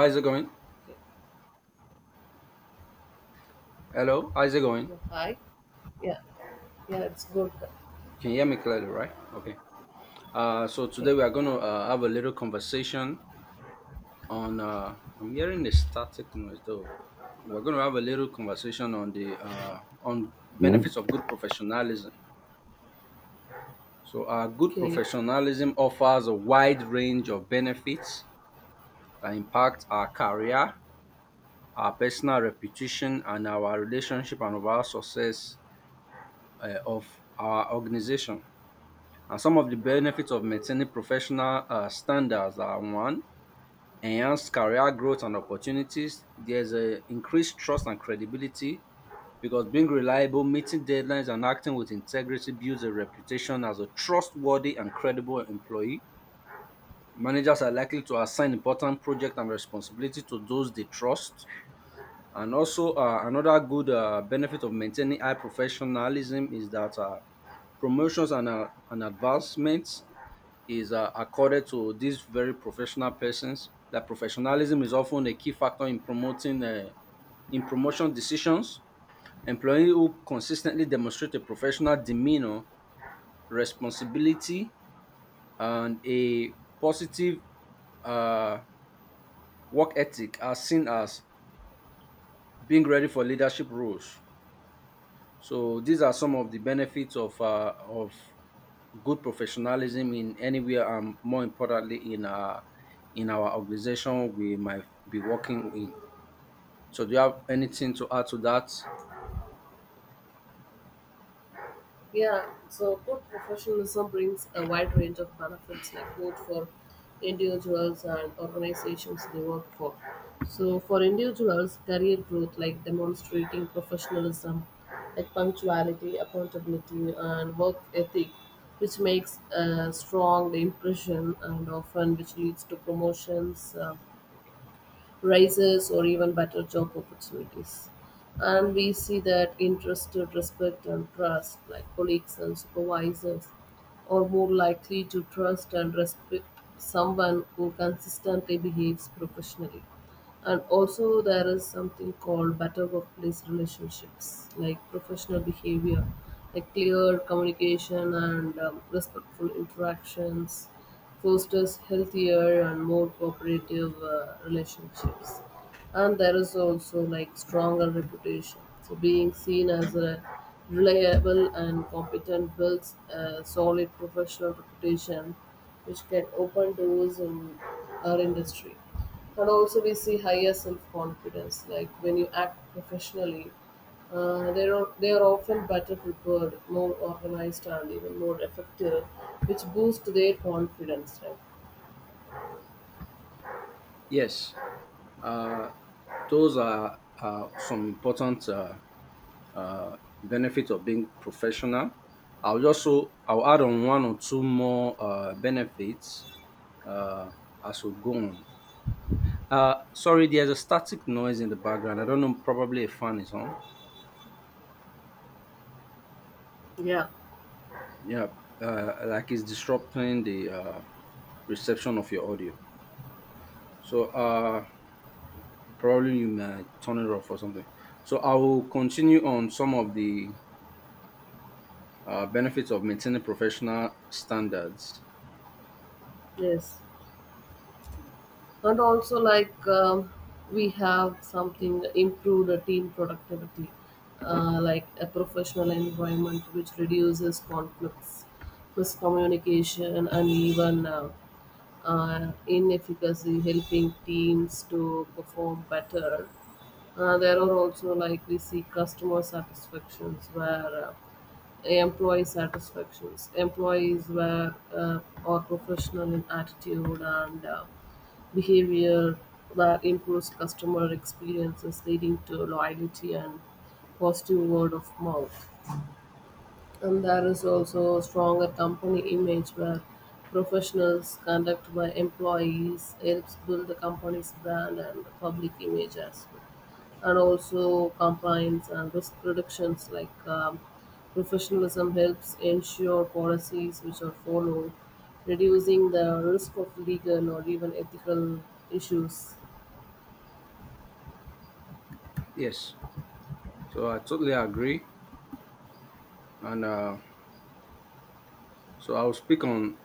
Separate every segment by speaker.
Speaker 1: How's it going?
Speaker 2: Okay.
Speaker 1: Hello, how's it going?
Speaker 2: Yeah, hi. Yeah. Yeah, it's good.
Speaker 1: You can hear me clearly, right? Okay. So
Speaker 2: Okay.
Speaker 1: today we are going to have a little conversation on. I'm hearing a static noise though. We're going to have a little conversation on the on benefits of good professionalism. Good
Speaker 2: Okay.
Speaker 1: professionalism offers a wide range of benefits that impact our career, our personal reputation, and our relationship and overall success of our organization. And some of the benefits of maintaining professional standards are one, enhanced career growth and opportunities. There's a increased trust and credibility because being reliable, meeting deadlines, and acting with integrity builds a reputation as a trustworthy and credible employee. Managers are likely to assign important projects and responsibility to those they trust. And also, another good benefit of maintaining high professionalism is that promotions and advancements is accorded to these very professional persons. That professionalism is often a key factor in promoting in promotion decisions. Employees who consistently demonstrate a professional demeanor, responsibility, and a positive uh, work ethic are seen as being ready for leadership roles. So these are some of the benefits of good professionalism in anywhere and more importantly in our organization we might be working in. So do you have anything to add to that?
Speaker 2: Yeah. So good professionalism brings a wide range of benefits, like both for individuals and organizations they work for. So for individuals, career growth, like demonstrating professionalism, like punctuality, accountability, and work ethic, which makes a strong impression and often which leads to promotions. Rises, or even better job opportunities. And we see that interested respect and trust, like colleagues and supervisors, are more likely to trust and respect someone who consistently behaves professionally. And also there is something called better workplace relationships, like professional behavior, like clear communication and respectful interactions fosters healthier and more cooperative relationships. And there is also like stronger reputation, so being seen as a reliable and competent builds a solid professional reputation which can open doors in our industry. And also we see higher self-confidence, like when you act professionally, they are often better prepared, more organized, and even more effective, which boosts their confidence, right?
Speaker 1: Yes. uh, those are some important uh, benefits of being professional. I'll also I'll add on one or two more benefits uh, as we go on. Sorry, there's a static noise in the background. I don't know, probably a fan is on.
Speaker 2: Yeah.
Speaker 1: Yeah. Like, it's disrupting the reception of your audio. So probably you may turn it off or something. So I will continue on some of the benefits of maintaining professional standards.
Speaker 2: Yes, and also like we have something improved team productivity, like a professional environment which reduces conflicts, miscommunication, and even in helping teams to perform better. There are also like we see customer satisfactions where employee satisfactions. Employees were are professional in attitude and behavior that improves customer experiences, leading to loyalty and positive word of mouth. And there is also stronger company image where professionals conduct by employees helps build the company's brand and public image as well. And also compliance and risk reductions, like professionalism helps ensure policies which are followed, reducing the risk of legal or even ethical issues.
Speaker 1: Yes. So I totally agree, and so I'll speak on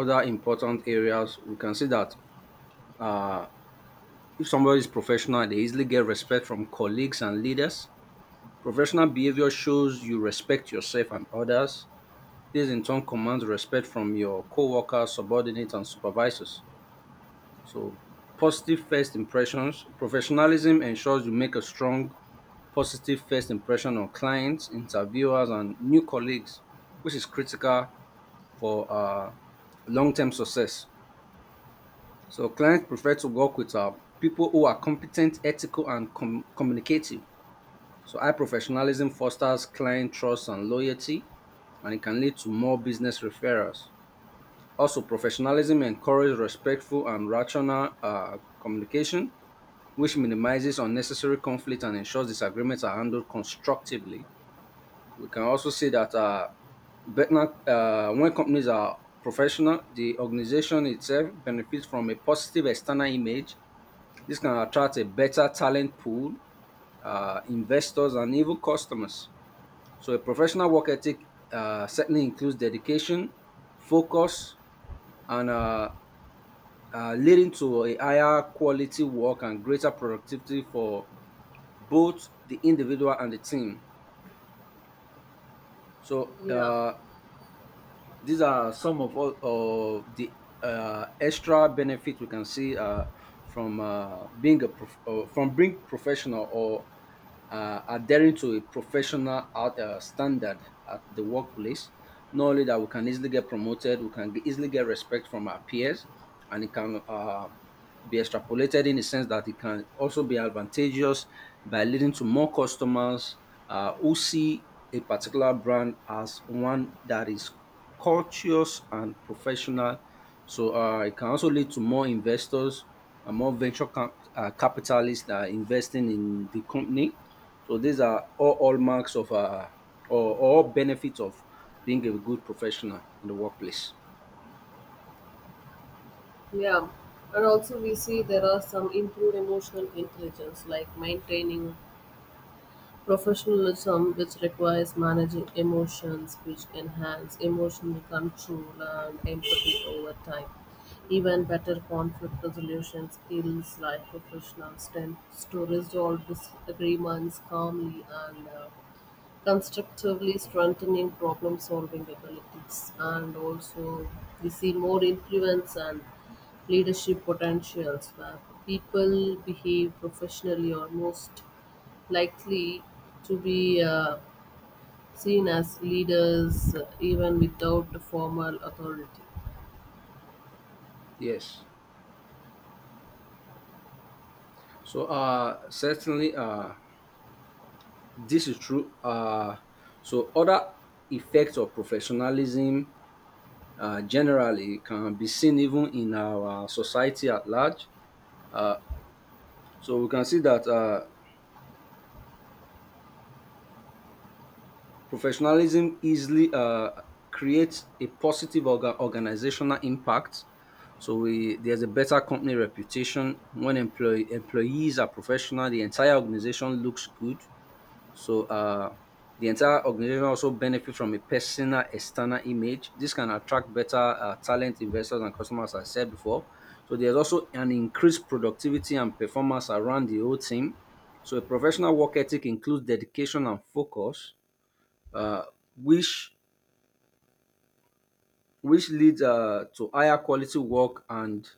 Speaker 1: other important areas. We can see that uh, if somebody is professional, they easily get respect from colleagues and leaders. Professional behavior shows you respect yourself and others. This in turn commands respect from your coworkers, subordinates, and supervisors. So, positive first impressions. Professionalism ensures you make a strong, positive first impression on clients, interviewers, and new colleagues, which is critical for long term success. So, clients prefer to work with people who are competent, ethical, and communicative. So, high professionalism fosters client trust and loyalty, and it can lead to more business referrals. Also, professionalism encourages respectful and rational communication, which minimizes unnecessary conflict and ensures disagreements are handled constructively. We can also see that Vietnam, when companies are professional, the organization itself benefits from a positive external image. This can attract a better talent pool, investors, and even customers. So, a professional work ethic certainly includes dedication, focus, and leading to a higher quality work and greater productivity for both the individual and the team. So
Speaker 2: Yeah,
Speaker 1: uh, these are some of all of the extra benefits we can see from being professional or adhering to a professional standard at the workplace. Not only that, we can easily get promoted, we can easily get respect from our peers, and it can be extrapolated in the sense that it can also be advantageous by leading to more customers who see a particular brand as one that is courteous and professional. So it can also lead to more investors and more venture capitalists that are investing in the company. So these are all hallmarks of or all benefits of being a good professional in the workplace.
Speaker 2: yeah. And also, we see there are some improved emotional intelligence, like maintaining professionalism, which requires managing emotions which enhance emotional control and empathy over time. Even better conflict resolution skills, like professionals tend to resolve disagreements calmly and constructively, strengthening problem solving abilities. And also we see more influence and leadership potentials where people behave professionally or most likely to be seen as leaders, even without the formal authority.
Speaker 1: Yes. So certainly This is true. So other effects of professionalism generally can be seen even in our society at large. So we can see that professionalism easily creates a positive organizational impact. So there's a better company reputation when employees are professional. The entire organization looks good. So the entire organization also benefit from a personal external image. This can attract better talent, investors, and customers, as I said before. So there's also an increased productivity and performance around the whole team. So a professional work ethic includes dedication and focus, uh, which which leads to higher quality work and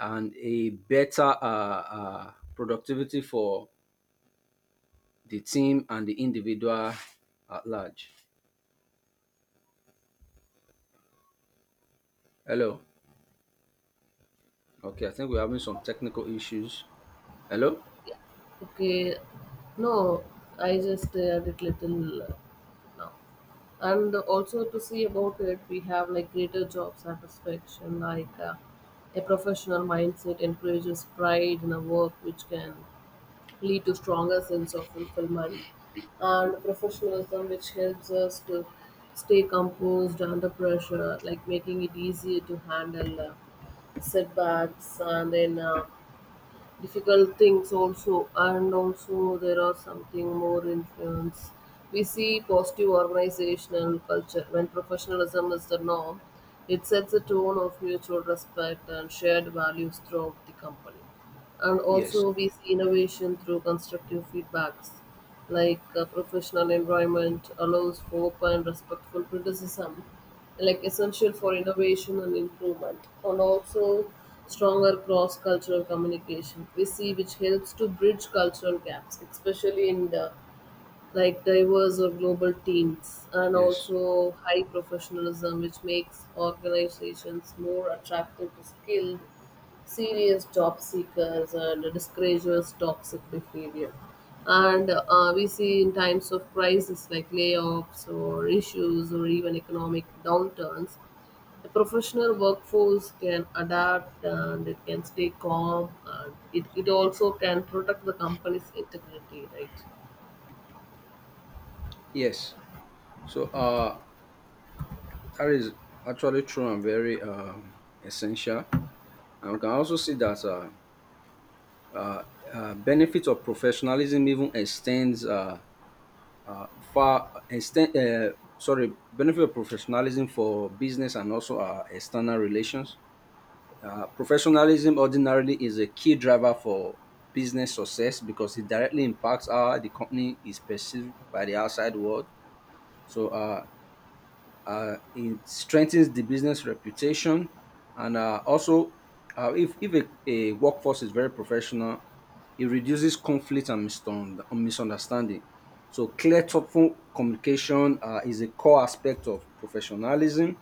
Speaker 1: a better productivity for the team and the individual at large. Hello. Okay, I think we're having some technical issues. Hello?
Speaker 2: Okay, no, I just shared it little now. And also to see about it, we have like greater job satisfaction, like a professional mindset encourages pride in a work which can lead to stronger sense of fulfillment. And professionalism which helps us to stay composed under pressure, like making it easier to handle setbacks and then difficult things also. And also there are something more influence. We see positive organizational culture when professionalism is the norm. It sets a tone of mutual respect and shared values throughout the company. And
Speaker 1: Yes.
Speaker 2: also we see innovation through constructive feedbacks, like a professional environment allows for open respectful criticism, like essential for innovation and improvement. And also stronger cross-cultural communication we see, which helps to bridge cultural gaps, especially in the like diverse or global teams. And
Speaker 1: Yes.
Speaker 2: also high professionalism which makes organizations more attractive to skilled serious job seekers and discourages toxic behavior. And we see in times of crisis, like layoffs or issues or even economic downturns, the professional workforce can adapt and it can stay calm, and it also can protect the company's integrity, right?
Speaker 1: Yes. So that is actually true and very essential. And we can also see that uh, benefit of professionalism even extends far extend sorry benefit of professionalism for business and also external relations. Professionalism ordinarily is a key driver for business success because it directly impacts how the company is perceived by the outside world. So uh, it strengthens the business reputation, and also if a workforce is very professional, it reduces conflict and misunderstanding. So clear, thoughtful communication is a core aspect of professionalism.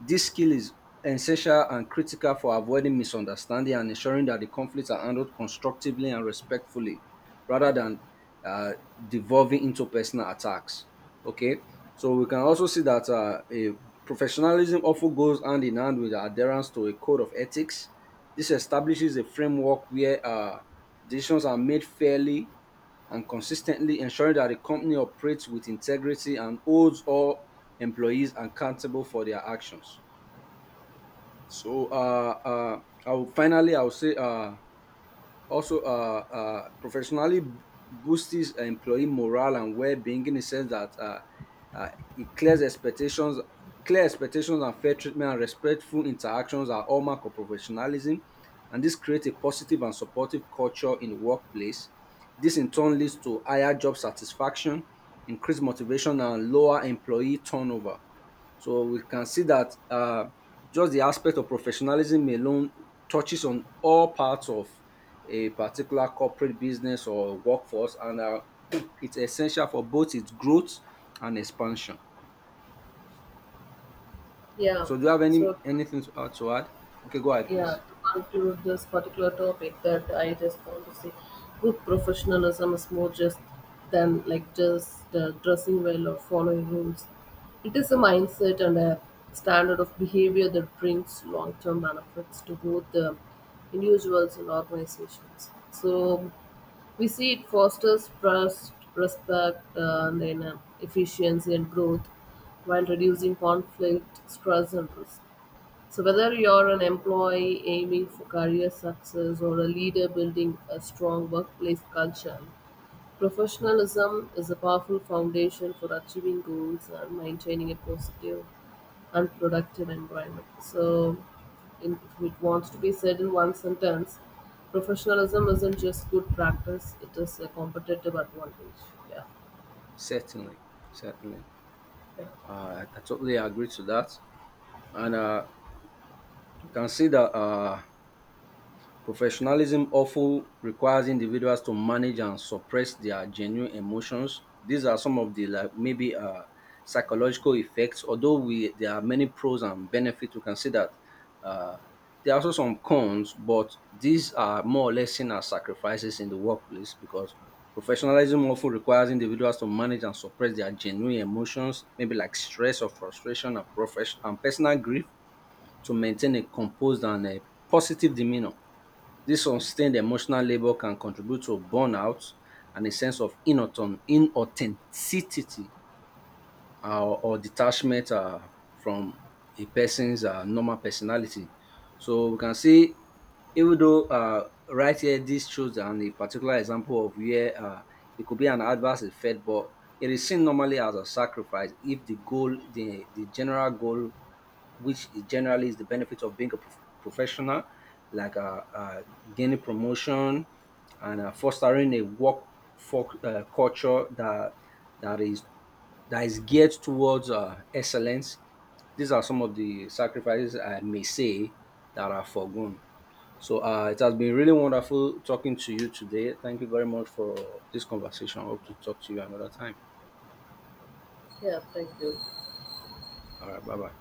Speaker 1: This skill is essential and critical for avoiding misunderstanding and ensuring that the conflicts are handled constructively and respectfully rather than uh, devolving into personal attacks. Okay, so we can also see that a professionalism often goes hand in hand with adherence to a code of ethics. This establishes a framework where decisions are made fairly and consistently, ensuring that the company operates with integrity and holds all employees accountable for their actions. I will, finally, I will say also professionally boosts employee morale and well-being, in the sense that uh, it clear expectations and fair treatment and respectful interactions are hallmark of professionalism, and this creates a positive and supportive culture in the workplace. This in turn leads to higher job satisfaction, increased motivation, and lower employee turnover. So we can see that just the aspect of professionalism alone touches on all parts of a particular corporate business or workforce, and it's essential for both its growth and expansion.
Speaker 2: Yeah.
Speaker 1: So, do you have
Speaker 2: So,
Speaker 1: anything to add? To add? Okay, go ahead, please.
Speaker 2: yeah, to conclude this particular topic, that I just want to say, good professionalism is more just than like just dressing well or following rules. It is a mindset and a standard of behavior that brings long-term benefits to both the individuals and organizations. So, we see it fosters trust, respect, and then efficiency and growth while reducing conflict, stress, and risk. So whether you're an employee aiming for career success or a leader building a strong workplace culture, professionalism is a powerful foundation for achieving goals and maintaining a positive and productive environment. So in, if it wants to be said in one sentence, professionalism isn't just good practice, it is a competitive advantage. Yeah.
Speaker 1: Certainly, certainly. I totally agree to that, and you can see that. Professionalism often requires individuals to manage and suppress their genuine emotions. These are some of the, like, maybe psychological effects. Although we there are many pros and benefits, we can see that uh, there are also some cons, but these are more or less seen as sacrifices in the workplace because professionalism often requires individuals to manage and suppress their genuine emotions, maybe like stress or frustration and personal grief, to maintain a composed and a positive demeanor. This sustained emotional labor can contribute to burnout and a sense of inauthenticity or detachment from a person's normal personality. So we can see, even though right here, this shows a particular example of where it could be an adverse effect, but it is seen normally as a sacrifice if the general goal which is generally is the benefit of being a professional, like gaining promotion and fostering a work culture that that is that is geared towards excellence. These are some of the sacrifices I may say that are foregone. So it has been really wonderful talking to you today. Thank you very much for this conversation. I hope to talk to you another time.
Speaker 2: Yeah, thank you.
Speaker 1: All right, bye bye.